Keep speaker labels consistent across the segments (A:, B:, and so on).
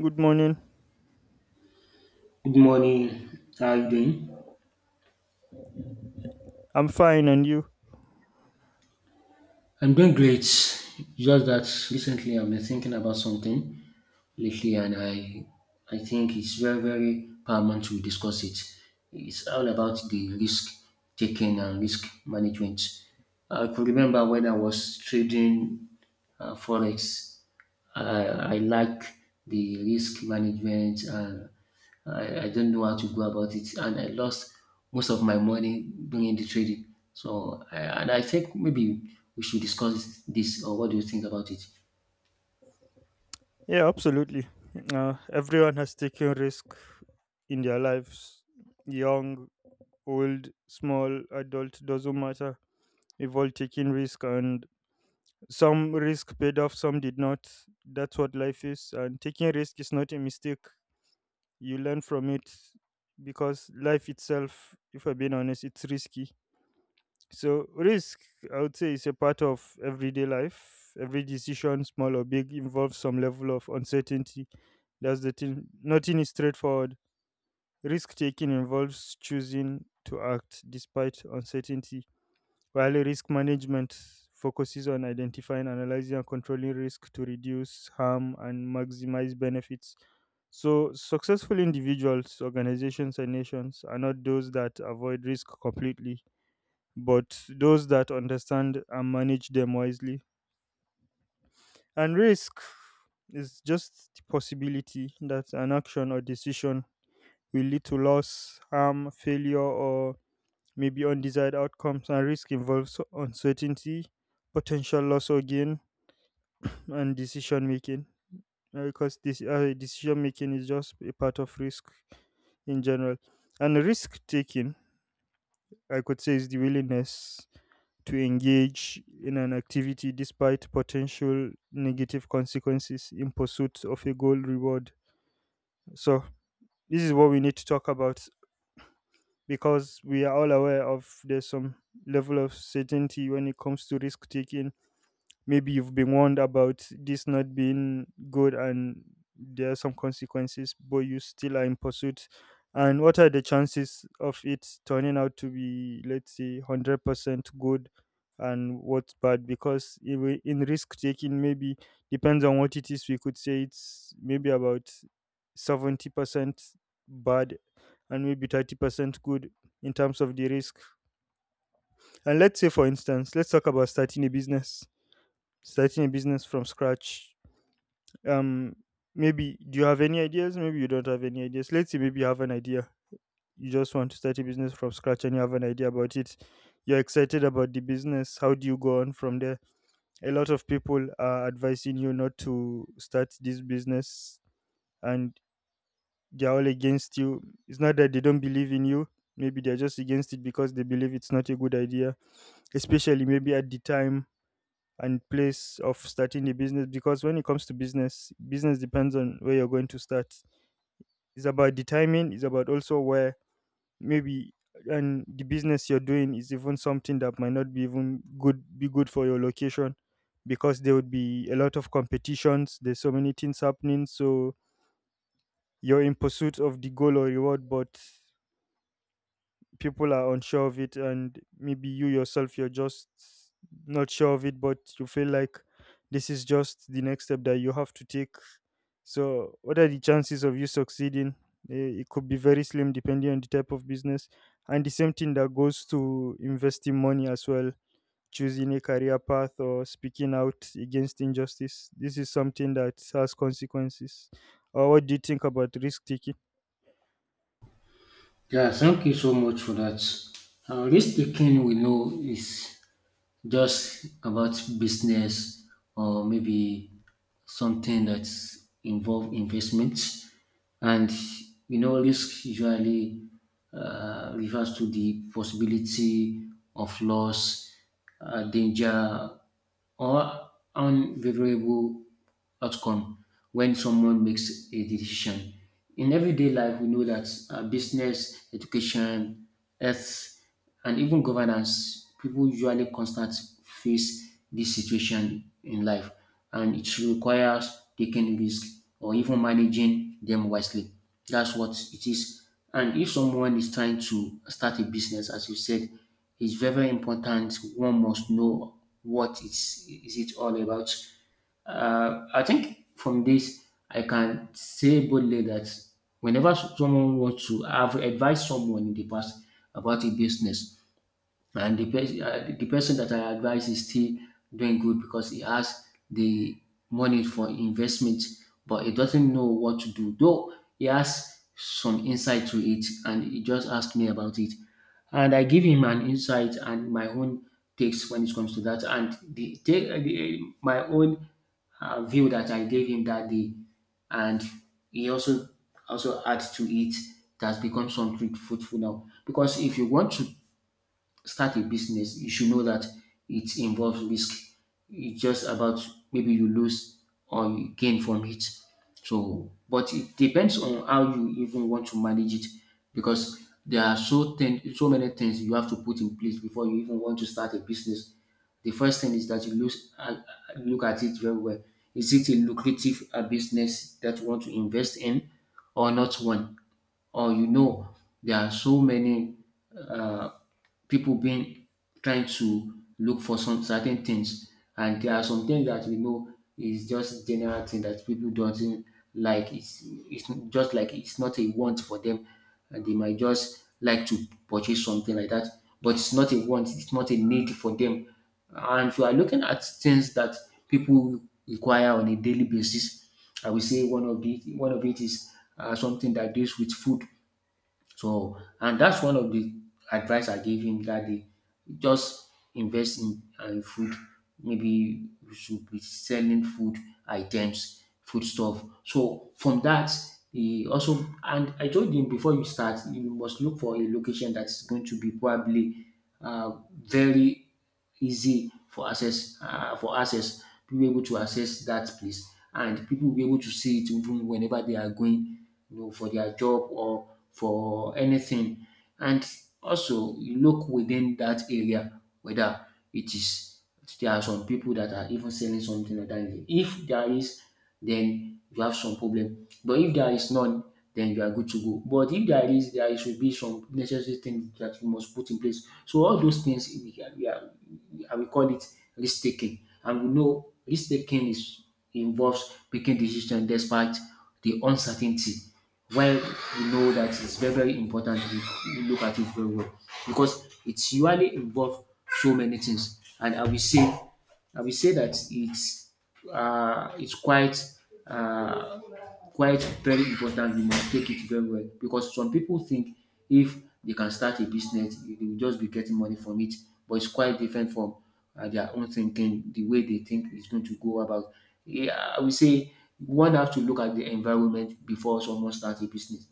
A: Good morning.
B: Good morning. How are you doing?
A: I'm fine, and you?
B: I'm doing great. Just that recently I've been thinking about something lately, and I think it's very paramount to discuss it. It's all about the risk taking and risk management. I could remember when I was trading forex. I, I like the risk management and I don't know how to go about it, and I lost most of my money doing the trading. And I think maybe we should discuss this. Or what do you think about it?
A: Yeah, absolutely. Everyone has taken risk in their lives. Young, old, small, adult, doesn't matter. We've all taken risk, and some risk paid off, some did not. That's what life is. And taking risk is not a mistake. You learn from it because life itself, if I'm being honest, it's risky. So risk, I would say, is a part of everyday life. Every decision, small or big, involves some level of uncertainty. That's the thing. Nothing is straightforward. Risk taking involves choosing to act despite uncertainty, while risk management focuses on identifying, analyzing, and controlling risk to reduce harm and maximize benefits. So, successful individuals, organizations, and nations are not those that avoid risk completely but those that understand and manage them wisely. And risk is just the possibility that an action or decision will lead to loss, harm, failure, or maybe undesired outcomes. And risk involves uncertainty, potential loss or gain, and decision making. Because this decision making is just a part of risk in general, and risk taking, I could say, is the willingness to engage in an activity despite potential negative consequences in pursuit of a goal reward. So, this is what we need to talk about because we are all aware of there's some level of certainty when it comes to risk taking. Maybe you've been warned about this not being good, and there are some consequences, but you still are in pursuit. And what are the chances of it turning out to be, let's say, 100% good, and what's bad? Because in risk taking, maybe, depends on what it is, we could say it's maybe about 70% bad and maybe 30% good in terms of the risk. And let's say, for instance, let's talk about starting a business, starting a business from scratch. um Maybe do you have any ideas? Maybe you don't have any ideas. Let's say maybe you have an idea, you just want to start a business from scratch and you have an idea about it, you're excited about the business. How do you go on from there? A lot of people are advising you not to start this business, and they're all against you. It's not that they don't believe in you, maybe they're just against it because they believe it's not a good idea, especially maybe at the time and place of starting a business. Because when it comes to business, business depends on where you're going to start. It's about the timing, it's about also where, maybe, and the business you're doing is even something that might not be even good be good for your location, because there would be a lot of competitions, there's so many things happening. So you're in pursuit of the goal or reward, but people are unsure of it, and maybe you yourself, you're just not sure of it, but you feel like this is just the next step that you have to take. So what are the chances of you succeeding? It could be very slim depending on the type of business. And the same thing that goes to investing money as well, choosing a career path, or speaking out against injustice. This is something that has consequences. What do you think about risk taking?
B: Yeah, thank you so much for that. Risk taking, we know, is just about business or maybe something that's involve investments. And you know, risk usually refers to the possibility of loss, danger or unfavorable outcome when someone makes a decision. In everyday life, we know that business, education, health and even governance, people usually constant face this situation in life, and it requires taking risk or even managing them wisely. That's what it is. And if someone is trying to start a business, as you said, it's very, very important. One must know what is it all about. I think from this, I can say boldly that whenever someone wants to, I've advised someone in the past about a business, and the person that I advise is still doing good because he has the money for investment, but he doesn't know what to do. Though he has some insight to it, and he just asked me about it, and I give him an insight and my own takes when it comes to that, and my own view that I gave him that day, and he also adds to it. That's become something fruitful now. Because if you want to start a business, you should know that it involves risk. It's just about maybe you lose or you gain from it. So, but it depends on how you even want to manage it because there are so many things you have to put in place before you even want to start a business. The first thing is that look at it very well. Is it a lucrative business that you want to invest in or not one? Or you know, there are so many uh, people being trying to look for some certain things, and there are some things that we know is just general thing that people do not like. It's just like it's not a want for them, and they might just like to purchase something like that, but it's not a want. It's not a need for them. And if you are looking at things that people require on a daily basis, I would say one of it is something that deals with food. So, and that's one of the advice I gave him that day. Just invest in food. Maybe you should be selling food items, food stuff. So from that, he also, and I told him, before you start, you must look for a location that's going to be probably uh, very easy for access. For access, people be able to access that place, and people will be able to see it even whenever they are going, you know, for their job or for anything. And also you look within that area whether it is there are some people that are even selling something entirely. If there is, then you have some problem. But if there is none, then you are good to go. But if there is, there should be some necessary things that you must put in place. So all those things we can, we are, I will call it risk taking. And we know risk taking is involves making decision despite the uncertainty. While we know that it's very very important, we look at it very well because it's usually involve so many things. And I will say that it's uh, it's quite uh, quite very important. You must take it very well because some people think if they can start a business, they will just be getting money from it. But it's quite different from their own thinking, the way they think is going to go about. Yeah, I will say one have to look at the environment before someone starts a business.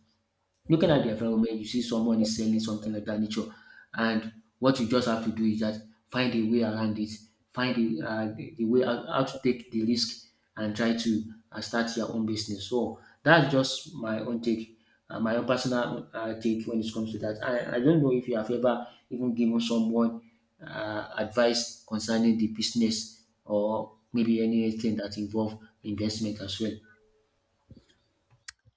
B: Looking at the environment, you see someone is selling something like that nature, and what you just have to do is just find a way around it, find the way how to take the risk and try to start your own business. So that's just my own take, my own personal take when it comes to that. I don't know if you have ever even given someone advice concerning the business or maybe anything that involve investment as well.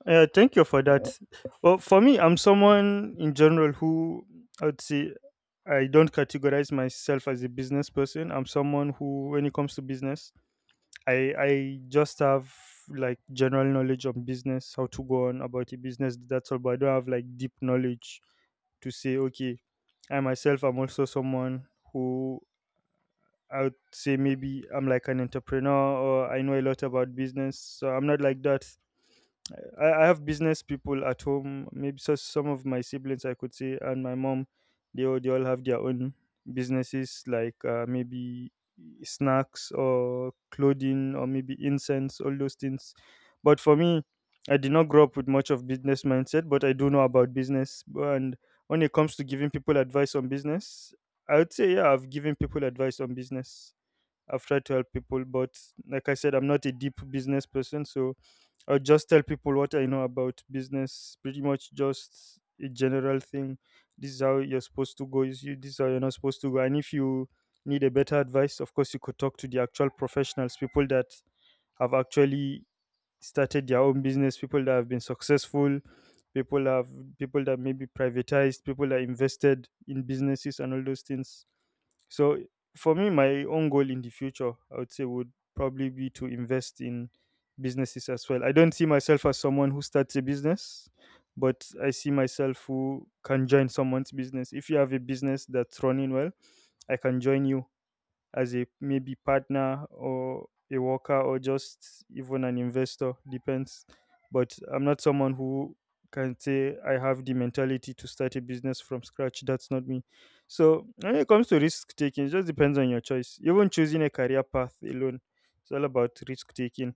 A: Yeah, thank you for that. Well, for me, I'm someone in general who, I would say, I don't categorize myself as a business person. I'm someone who, when it comes to business, I just have like general knowledge on business, how to go on about a business. That's all, but I don't have like deep knowledge to say okay. I myself, I'm also someone who, I would say, maybe I'm like an entrepreneur or I know a lot about business. So I'm not like that. I have business people at home. Maybe so some of my siblings, I could say, and my mom, they all have their own businesses, like maybe snacks or clothing or maybe incense, all those things. But for me, I did not grow up with much of business mindset, but I do know about business. And when it comes to giving people advice on business, I would say, yeah, I've given people advice on business. I've tried to help people, but like I said, I'm not a deep business person, so or just tell people what I know about business. Pretty much just a general thing. This is how you're supposed to go. Is you This is how you're not supposed to go. And if you need a better advice, of course you could talk to the actual professionals, people that have actually started their own business, people that have been successful, people have people that maybe privatized, people that invested in businesses and all those things. So for me, my own goal in the future, I would say, would probably be to invest in businesses as well. I don't see myself as someone who starts a business, but I see myself who can join someone's business. If you have a business that's running well, I can join you as a maybe partner or a worker or just even an investor, depends. But I'm not someone who can say I have the mentality to start a business from scratch. That's not me. So when it comes to risk taking, it just depends on your choice. Even choosing a career path alone, it's all about risk taking.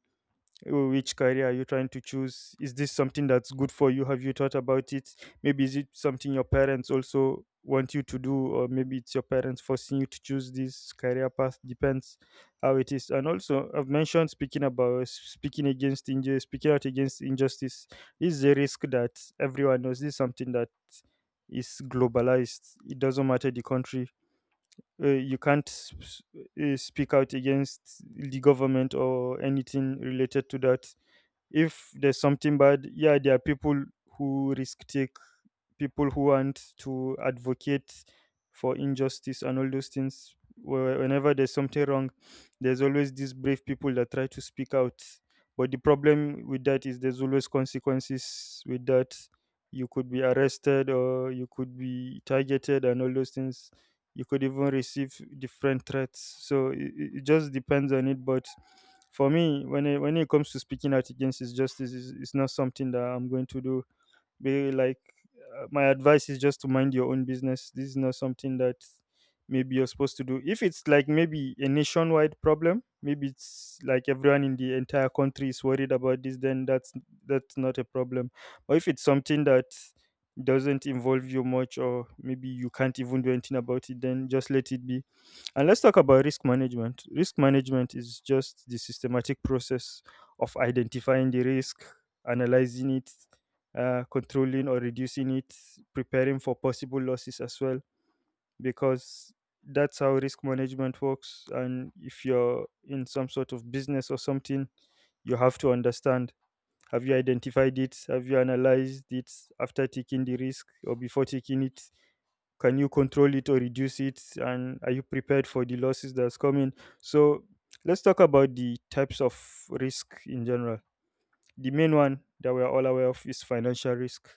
A: Which career are you trying to choose? Is this something that's good for you? Have you thought about it? Maybe is it something your parents also want you to do, or maybe it's your parents forcing you to choose this career path? Depends how it is. And also, I've mentioned speaking about speaking against injustice. Speaking out against injustice is a risk that everyone knows. This is something that is globalized. It doesn't matter the country. You can't speak out against the government or anything related to that. If there's something bad, yeah, there are people who risk take, people who want to advocate for injustice and all those things. Whenever there's something wrong, there's always these brave people that try to speak out. But the problem with that is there's always consequences with that. You could be arrested or you could be targeted and all those things. You could even receive different threats. So it just depends on it. But for me, when it comes to speaking out against injustice, it's not something that I'm going to do. Be like My advice is just to mind your own business. This is not something that maybe you're supposed to do. If it's like maybe a nationwide problem, maybe it's like everyone in the entire country is worried about this, then that's not a problem. But if it's something that doesn't involve you much, or maybe you can't even do anything about it, then just let it be. And let's talk about risk management. Risk management is just the systematic process of identifying the risk, analyzing it, controlling or reducing it, preparing for possible losses as well, because that's how risk management works. And if you're in some sort of business or something, you have to understand, have you identified it? Have you analyzed it after taking the risk or before taking it? Can you control it or reduce it? And are you prepared for the losses that's coming? So, let's talk about the types of risk in general. The main one that we're all aware of is financial risk,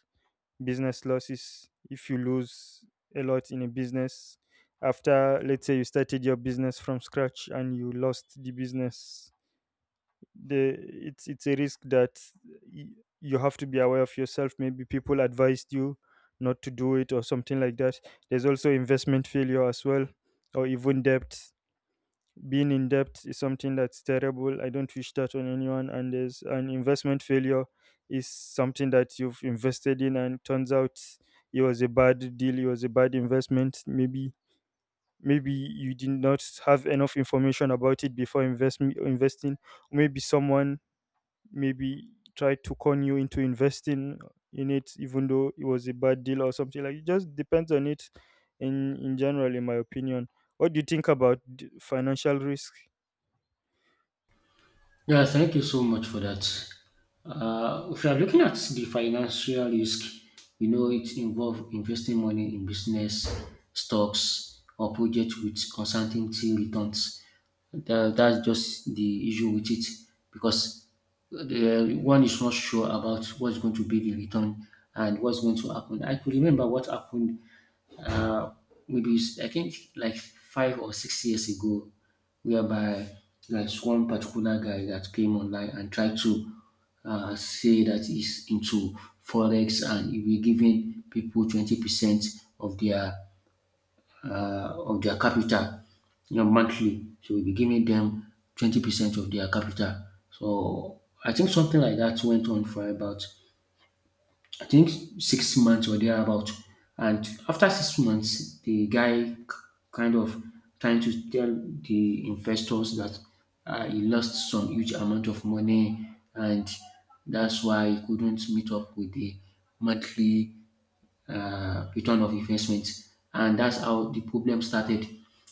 A: business losses. If you lose a lot in a business, after, let's say, you started your business from scratch and you lost the business, the it's a risk that y- you have to be aware of yourself. Maybe people advised you not to do it or something like that. There's also investment failure as well, or even debt. Being in debt is something that's terrible. I don't wish that on anyone. And there's an investment failure, is something that you've invested in and turns out it was a bad deal, it was a bad investment. Maybe you did not have enough information about it before investing. Maybe someone maybe tried to con you into investing in it even though it was a bad deal or something like it. Just depends on it. In general, in my opinion, what do you think about financial risk?
B: Yeah, thank you so much for that. If you are looking at the financial risk, you know it involves investing money in business, stocks, or projects with uncertainty returns. That's just the issue with it because the one is not sure about what's going to be the return and what's going to happen. I could remember what happened, uh, maybe I think like 5 or 6 years ago, whereby there's one particular guy that came online and tried to say that he's into forex, and he will giving people 20% of their, of their capital, you know, monthly. So we'll be giving them 20% of their capital. So I think something like that went on for about, I think, 6 months or thereabout. And after 6 months, the kind of trying to tell the investors that he lost some huge amount of money, and that's why he couldn't meet up with the monthly return of investment. And that's how the problem started.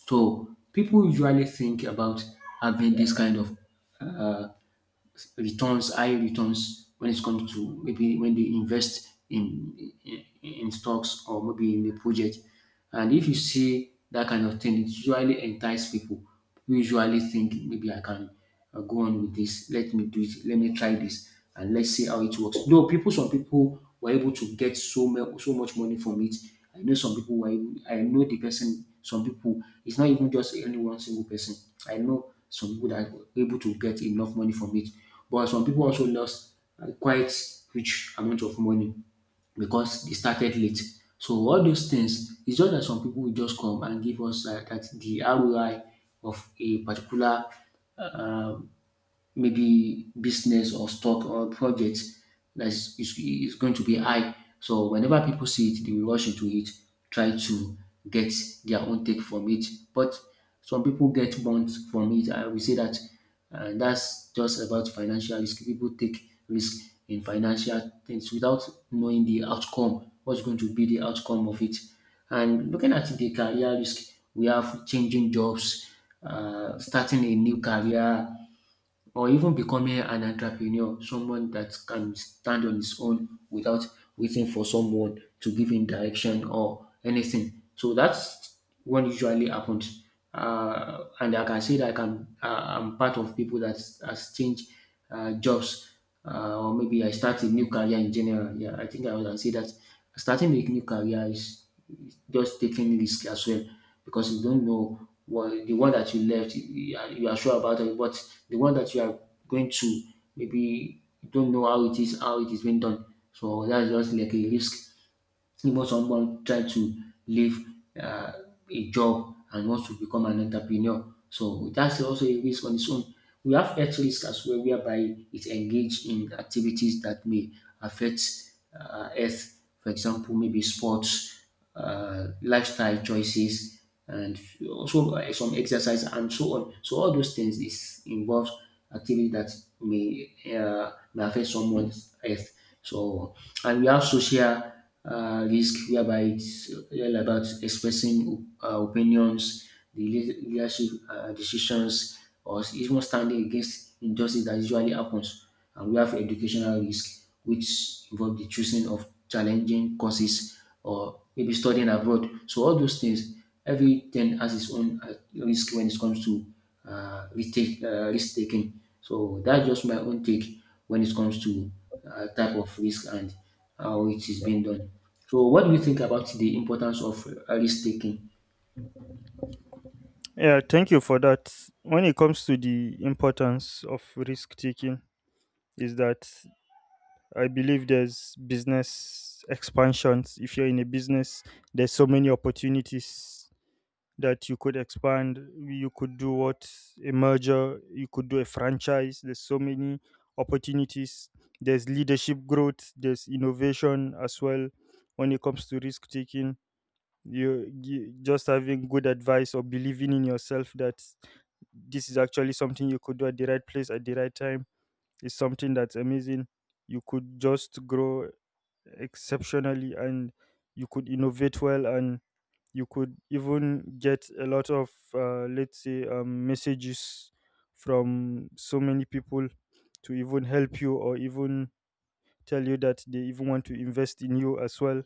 B: So people usually think about having this kind of uh, returns, high returns when it comes to maybe when they invest in stocks or maybe in a project. And if you see that kind of thing, it usually entice people who usually think, maybe I can go on with this. Let me do it. Let me try this, and let's see how it works. Though people, some people were able to get so much money from it. I know some people I know the person. Some people. It's not even just any one single person. I know some people that were able to get enough money from it. But some people also lost quite rich amount of money because they started late. So all those things, it's just that some people will just come and give us that the ROI of a particular maybe business or stock or project that is going to be high. So whenever people see it, they will rush into it, try to get their own take from it. But some people get burnt from it. I will say that that's just about financial risk. People take risk in financial things without knowing the outcome, what's going to be the outcome of it. And looking at the career risk, we have changing jobs, starting a new career, or even becoming an entrepreneur, someone that can stand on his own without waiting for someone to give him direction or anything. So that's what usually happens. And like I can say that I'm part of people that has changed jobs, or maybe I start a new career in general. Yeah, I think I can say that starting a new career is just taking risk as well because you don't know what the one that you left, you are sure about it, but the one that you are going to, maybe you don't know how it is, how it is being done. So that's just like a risk. Even someone trying to leave um a job and wants to become an entrepreneur. So that's also a risk on its own. We have health risk as well, whereby it engaged in activities that may affect health. For example, maybe sports, lifestyle choices and also some exercise and so on. So all those things is involves activity that may affect someone's health. So, and we have social risk, whereby it's all about expressing opinions, the leadership decisions, or even standing against injustice that usually happens. And we have educational risk, which involve the choosing of challenging courses or maybe studying abroad. So all those things. Every ten has its own risk when it comes to uh, risk, risk taking. So that's just my own take when it comes to type of risk and how it is being done. So what do you think about the importance of risk taking?
A: Yeah, thank you for that. When it comes to the importance of risk taking, is that I believe there's business expansions. If you're in a business, there's so many opportunities that you could expand, you could do what, a merger, you could do a franchise, there's so many opportunities, there's leadership growth, there's innovation as well. When it comes to risk taking, you just having good advice or believing in yourself that this is actually something you could do at the right place at the right time is something that's amazing. You could just grow exceptionally, and you could innovate well, and you could even get a lot of, let's say, messages from so many people to even help you, or even tell you that they even want to invest in you as well.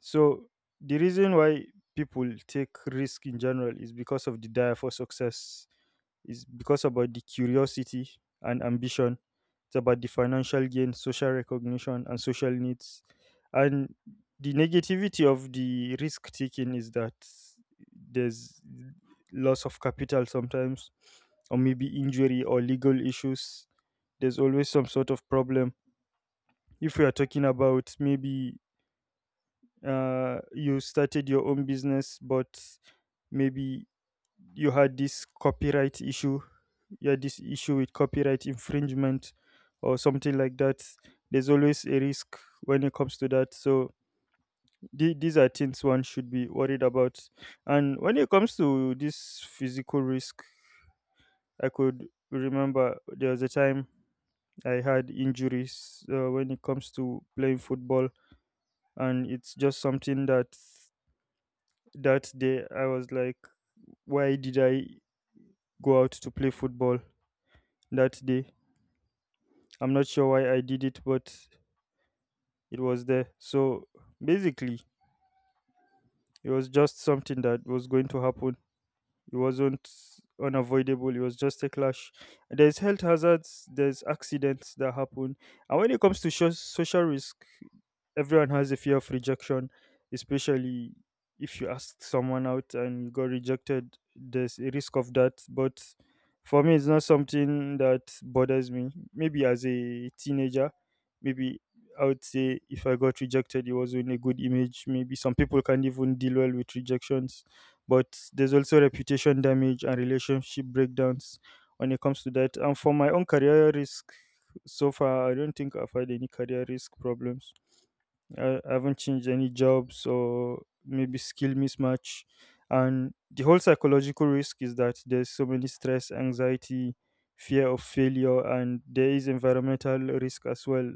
A: So the reason why people take risk in general is because of the desire for success. It's because about the curiosity and ambition. It's about the financial gain, social recognition, and social needs. And the negativity of the risk taking is that there's loss of capital sometimes, or maybe injury or legal issues. There's always some sort of problem. If we are talking about maybe, you started your own business, but maybe you had this copyright issue, yeah, this issue with copyright infringement or something like that. There's always a risk when it comes to that. So these are things one should be worried about. And when it comes to this physical risk, I could remember there was a time I had injuries, when it comes to playing football, and it's just something that, that day I was like, why did I go out to play football that day? I'm not sure why I did it, but it was there. So basically, it was just something that was going to happen. It wasn't unavoidable. It was just a clash. There's health hazards. There's accidents that happen. And when it comes to social risk, everyone has a fear of rejection, especially if you ask someone out and you got rejected. There's a risk of that, but for me, it's not something that bothers me. Maybe as a teenager, maybe I would say if I got rejected, it wasn't a good image. Maybe some people can't even deal well with rejections, but there's also reputation damage and relationship breakdowns when it comes to that. And for my own career risk, so far, I don't think I've had any career risk problems. I haven't changed any jobs or maybe skill mismatch. And the whole psychological risk is that there's so many stress, anxiety, fear of failure, and there is environmental risk as well,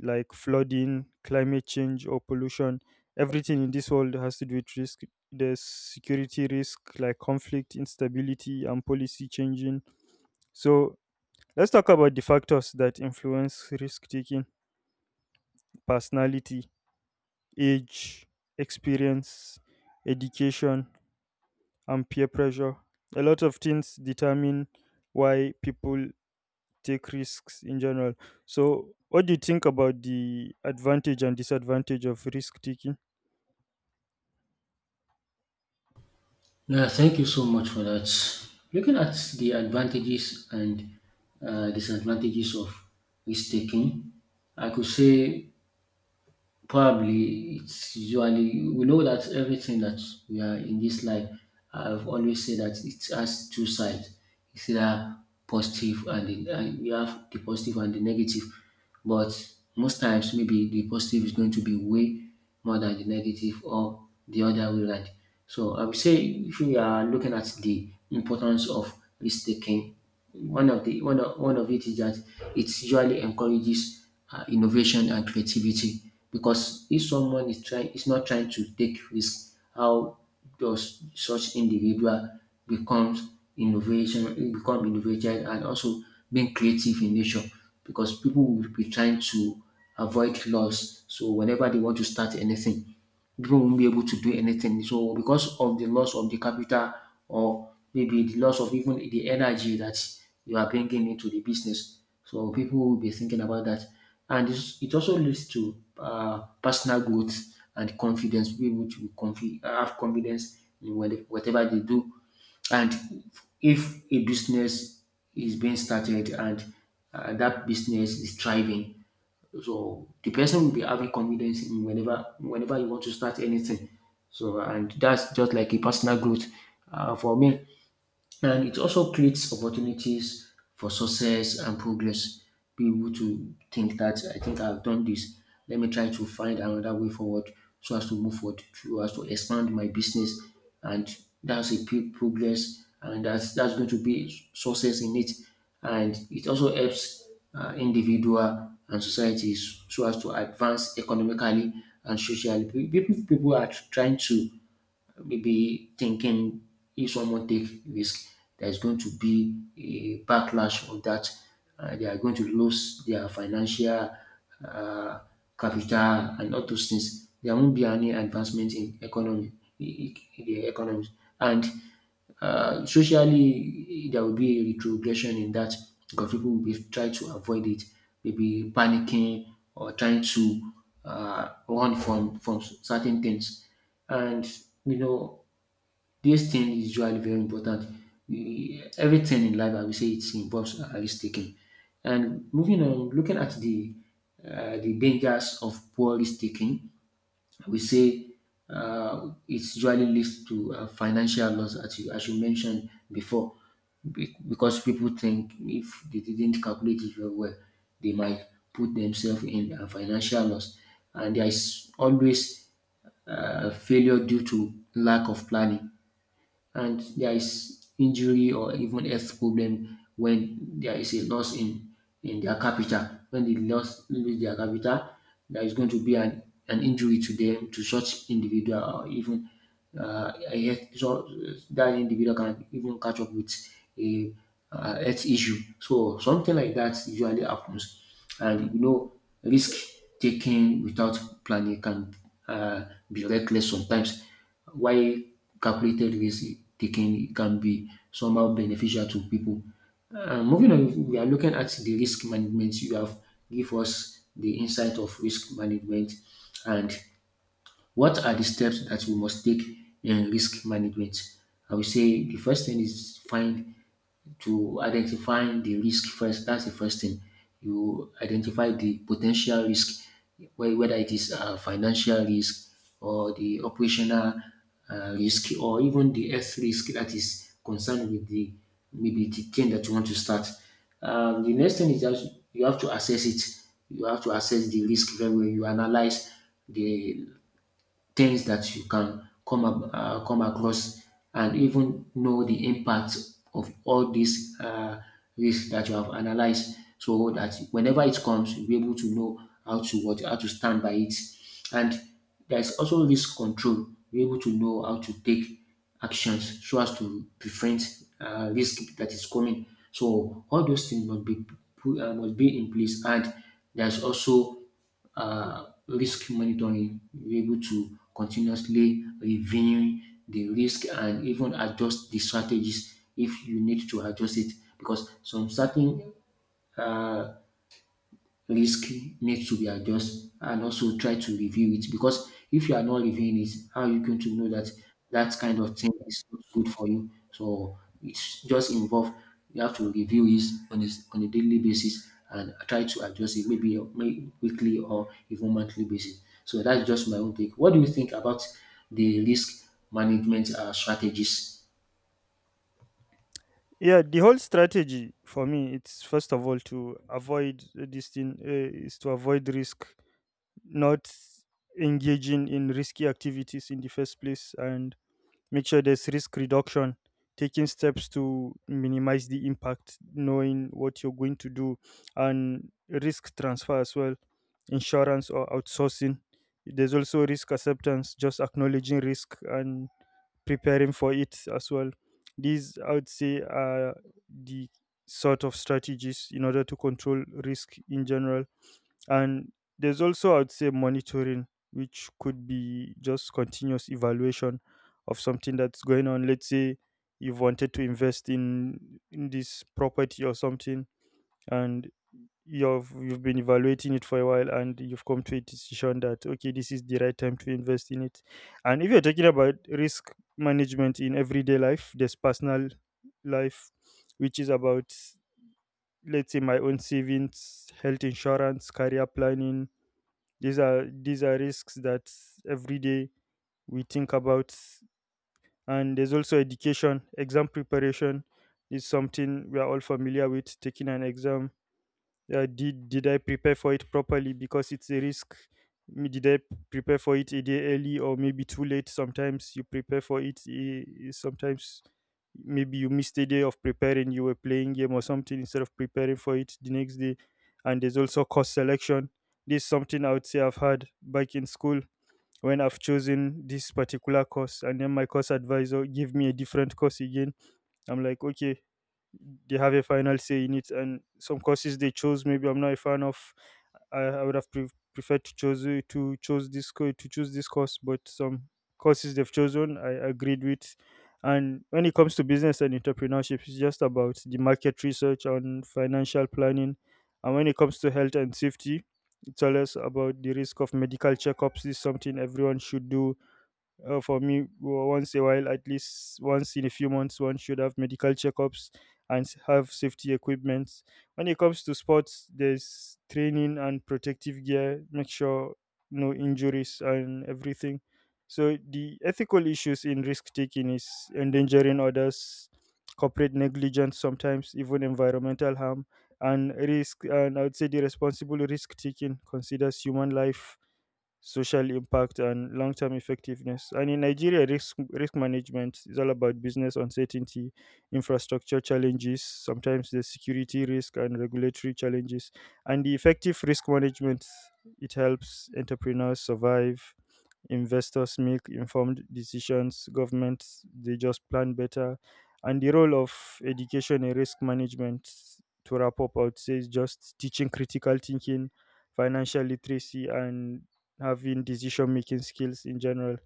A: like flooding, climate change, or pollution. Everything in this world has to do with risk. There's security risk, like conflict, instability, and policy changing. So, let's talk about the factors that influence risk taking: personality, age, experience, education, and peer pressure. A lot of things determine why people take risks in general. So, what do you think about the advantage and disadvantage of risk taking?
B: Yeah, thank you so much for that. Looking at the advantages and disadvantages of risk taking, I could say probably it's usually we know that everything that we are in this life, I've always said that it has two sides. It's either and you have the positive and the negative. But most times, maybe the positive is going to be way more than the negative or the other way around. So I would say if we are looking at the importance of risk taking, one of the one of it is that it usually encourages innovation and creativity because if someone is not trying to take risk, how does such individual becomes become innovative and also being creative in nature, because people will be trying to avoid loss. So whenever they want to start anything, people won't be able to do anything. So because of the loss of the capital or maybe the loss of even the energy that you are bringing into the business, so people will be thinking about that. And this, it also leads to personal growth and confidence. People have confidence in whatever they do. And if a business is being started and that business is thriving, so the person will be having confidence in whenever you want to start anything. So and that's just like a personal growth. For me, and it also creates opportunities for success and progress. Be able to think that I think I've done this. Let me try to find another way forward so as to move forward, so as to expand my business. And that's a big progress, and that's going to be success in it. And it also helps individual and societies so as to advance economically and socially. People are trying to maybe thinking if someone take risk, there's going to be a backlash of that. They are going to lose their financial uh, capital and all those things. There won't be any advancement in the economy, and socially there will be a retrogression in that because people will be trying to avoid it, maybe panicking or trying to run from certain things. And you know, this thing is usually very important. Everything in life, I will say, it involves a risk taking. And moving on, looking at the dangers of poor risk taking, we say it usually leads to financial loss, as you mentioned before, because people think if they didn't calculate it very well, they might put themselves in a financial loss. And there is always failure due to lack of planning, and there is injury or even health problem when there is a loss in their capital. When they lost lose their capital, there is going to be an injury to them, to such individual, or even a health, so that individual can even catch up with a health issue. So something like that usually happens, and you know risk taking without planning can uh, be reckless sometimes while calculated risk taking can be somehow beneficial to people. Moving on, we are looking at the risk management. You have give us the insight of risk management and what are the steps that we must take in risk management? I will say the first thing is find to identify the risk first. That's the first thing. You identify the potential risk, whether it is financial risk or the operational risk or even the health risk that is concerned with the maybe the thing that you want to start. The next thing is that you have to assess it. You have to assess the risk very well. You analyze the things that you can come across and even know the impact of all these risks that you have analyzed, so that whenever it comes you'll be able to know how to what how to stand by it. And there's also risk control, you're able to know how to take actions so as to prevent risk that is coming. So all those things must be must be in place. And there's also risk monitoring. We're able to continuously reviewing the risk and even adjust the strategies if you need to adjust it, because some certain uh, risky needs to be adjusted, and also try to review it, because if you are not reviewing it, how are you going to know that that kind of thing is not good for you? So it's just involved. You have to review it on a daily basis and try to adjust it maybe weekly or even monthly basis. So that's just my own take. What do you think about the risk management strategies?
A: Yeah, the whole strategy for me, it's first of all to avoid, this thing, is to avoid risk, not engaging in risky activities in the first place, and make sure there's risk reduction, taking steps to minimize the impact, knowing what you're going to do, and risk transfer as well, insurance or outsourcing. There's also risk acceptance, just acknowledging risk and preparing for it as well. These, I would say, are the sort of strategies in order to control risk in general. And there's also, I would say, monitoring, which could be just continuous evaluation of something that's going on. Let's say you've wanted to invest in this property or something, and you've been evaluating it for a while, and you've come to a decision that okay, this is the right time to invest in it. And if you're talking about risk management in everyday life, there's personal life, which is about, let's say, my own savings, health insurance, career planning. These are risks that every day we think about. And there's also education. Exam preparation is something we are all familiar with. Taking an exam, did I prepare for it properly? Because it's a risk. Did I prepare for it a day early or maybe too late? Sometimes you prepare for it. Sometimes maybe you missed a day of preparing. You were playing game or something instead of preparing for it the next day. And there's also course selection. This is something I would say I've had back in school when I've chosen this particular course, and then my course advisor gave me a different course again. I'm like, okay, they have a final say in it. And some courses they chose maybe I'm not a fan of. I would have preferred to choose, to choose this course. But some courses they've chosen I agreed with. And when it comes to business and entrepreneurship, it's just about the market research on financial planning. And when it comes to health and safety, it's always about the risk of medical checkups. This is something everyone should do. For me, once a while, at least once in a few months, one should have medical checkups and have safety equipment. When it comes to sports, there's training and protective gear, make sure no injuries and everything. So the ethical issues in risk taking is endangering others, corporate negligence, sometimes even environmental harm and risk. And I would say the responsible risk taking considers human life, social impact, and long term effectiveness. And in Nigeria, risk management is all about business uncertainty, infrastructure challenges, sometimes the security risk, and regulatory challenges. And the effective risk management, it helps entrepreneurs survive, investors make informed decisions, governments they just plan better. And the role of education in risk management, to wrap up, I would say, is just teaching critical thinking, financial literacy, and having decision making skills in general.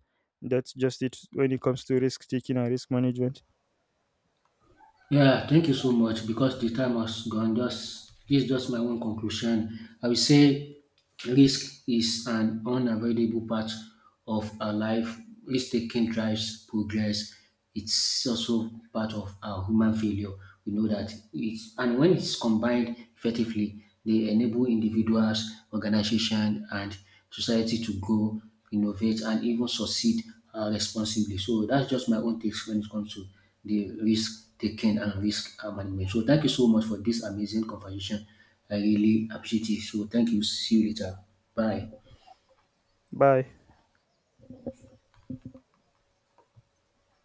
A: That's just it when it comes to risk taking and risk management.
B: Yeah, thank you so much because the time has gone. Just this is just my own conclusion. I will say risk is an unavoidable part of our life. Risk taking drives progress. It's also part of our human failure. We know that it's, and when it's combined effectively, they enable individuals, organizations, and society to grow, innovate, and even succeed responsibly. So that's just my own takes when it comes to the risk taking and risk management. So thank you so much for this amazing conversation. I really appreciate it. So thank you. See you later. Bye.
A: Bye.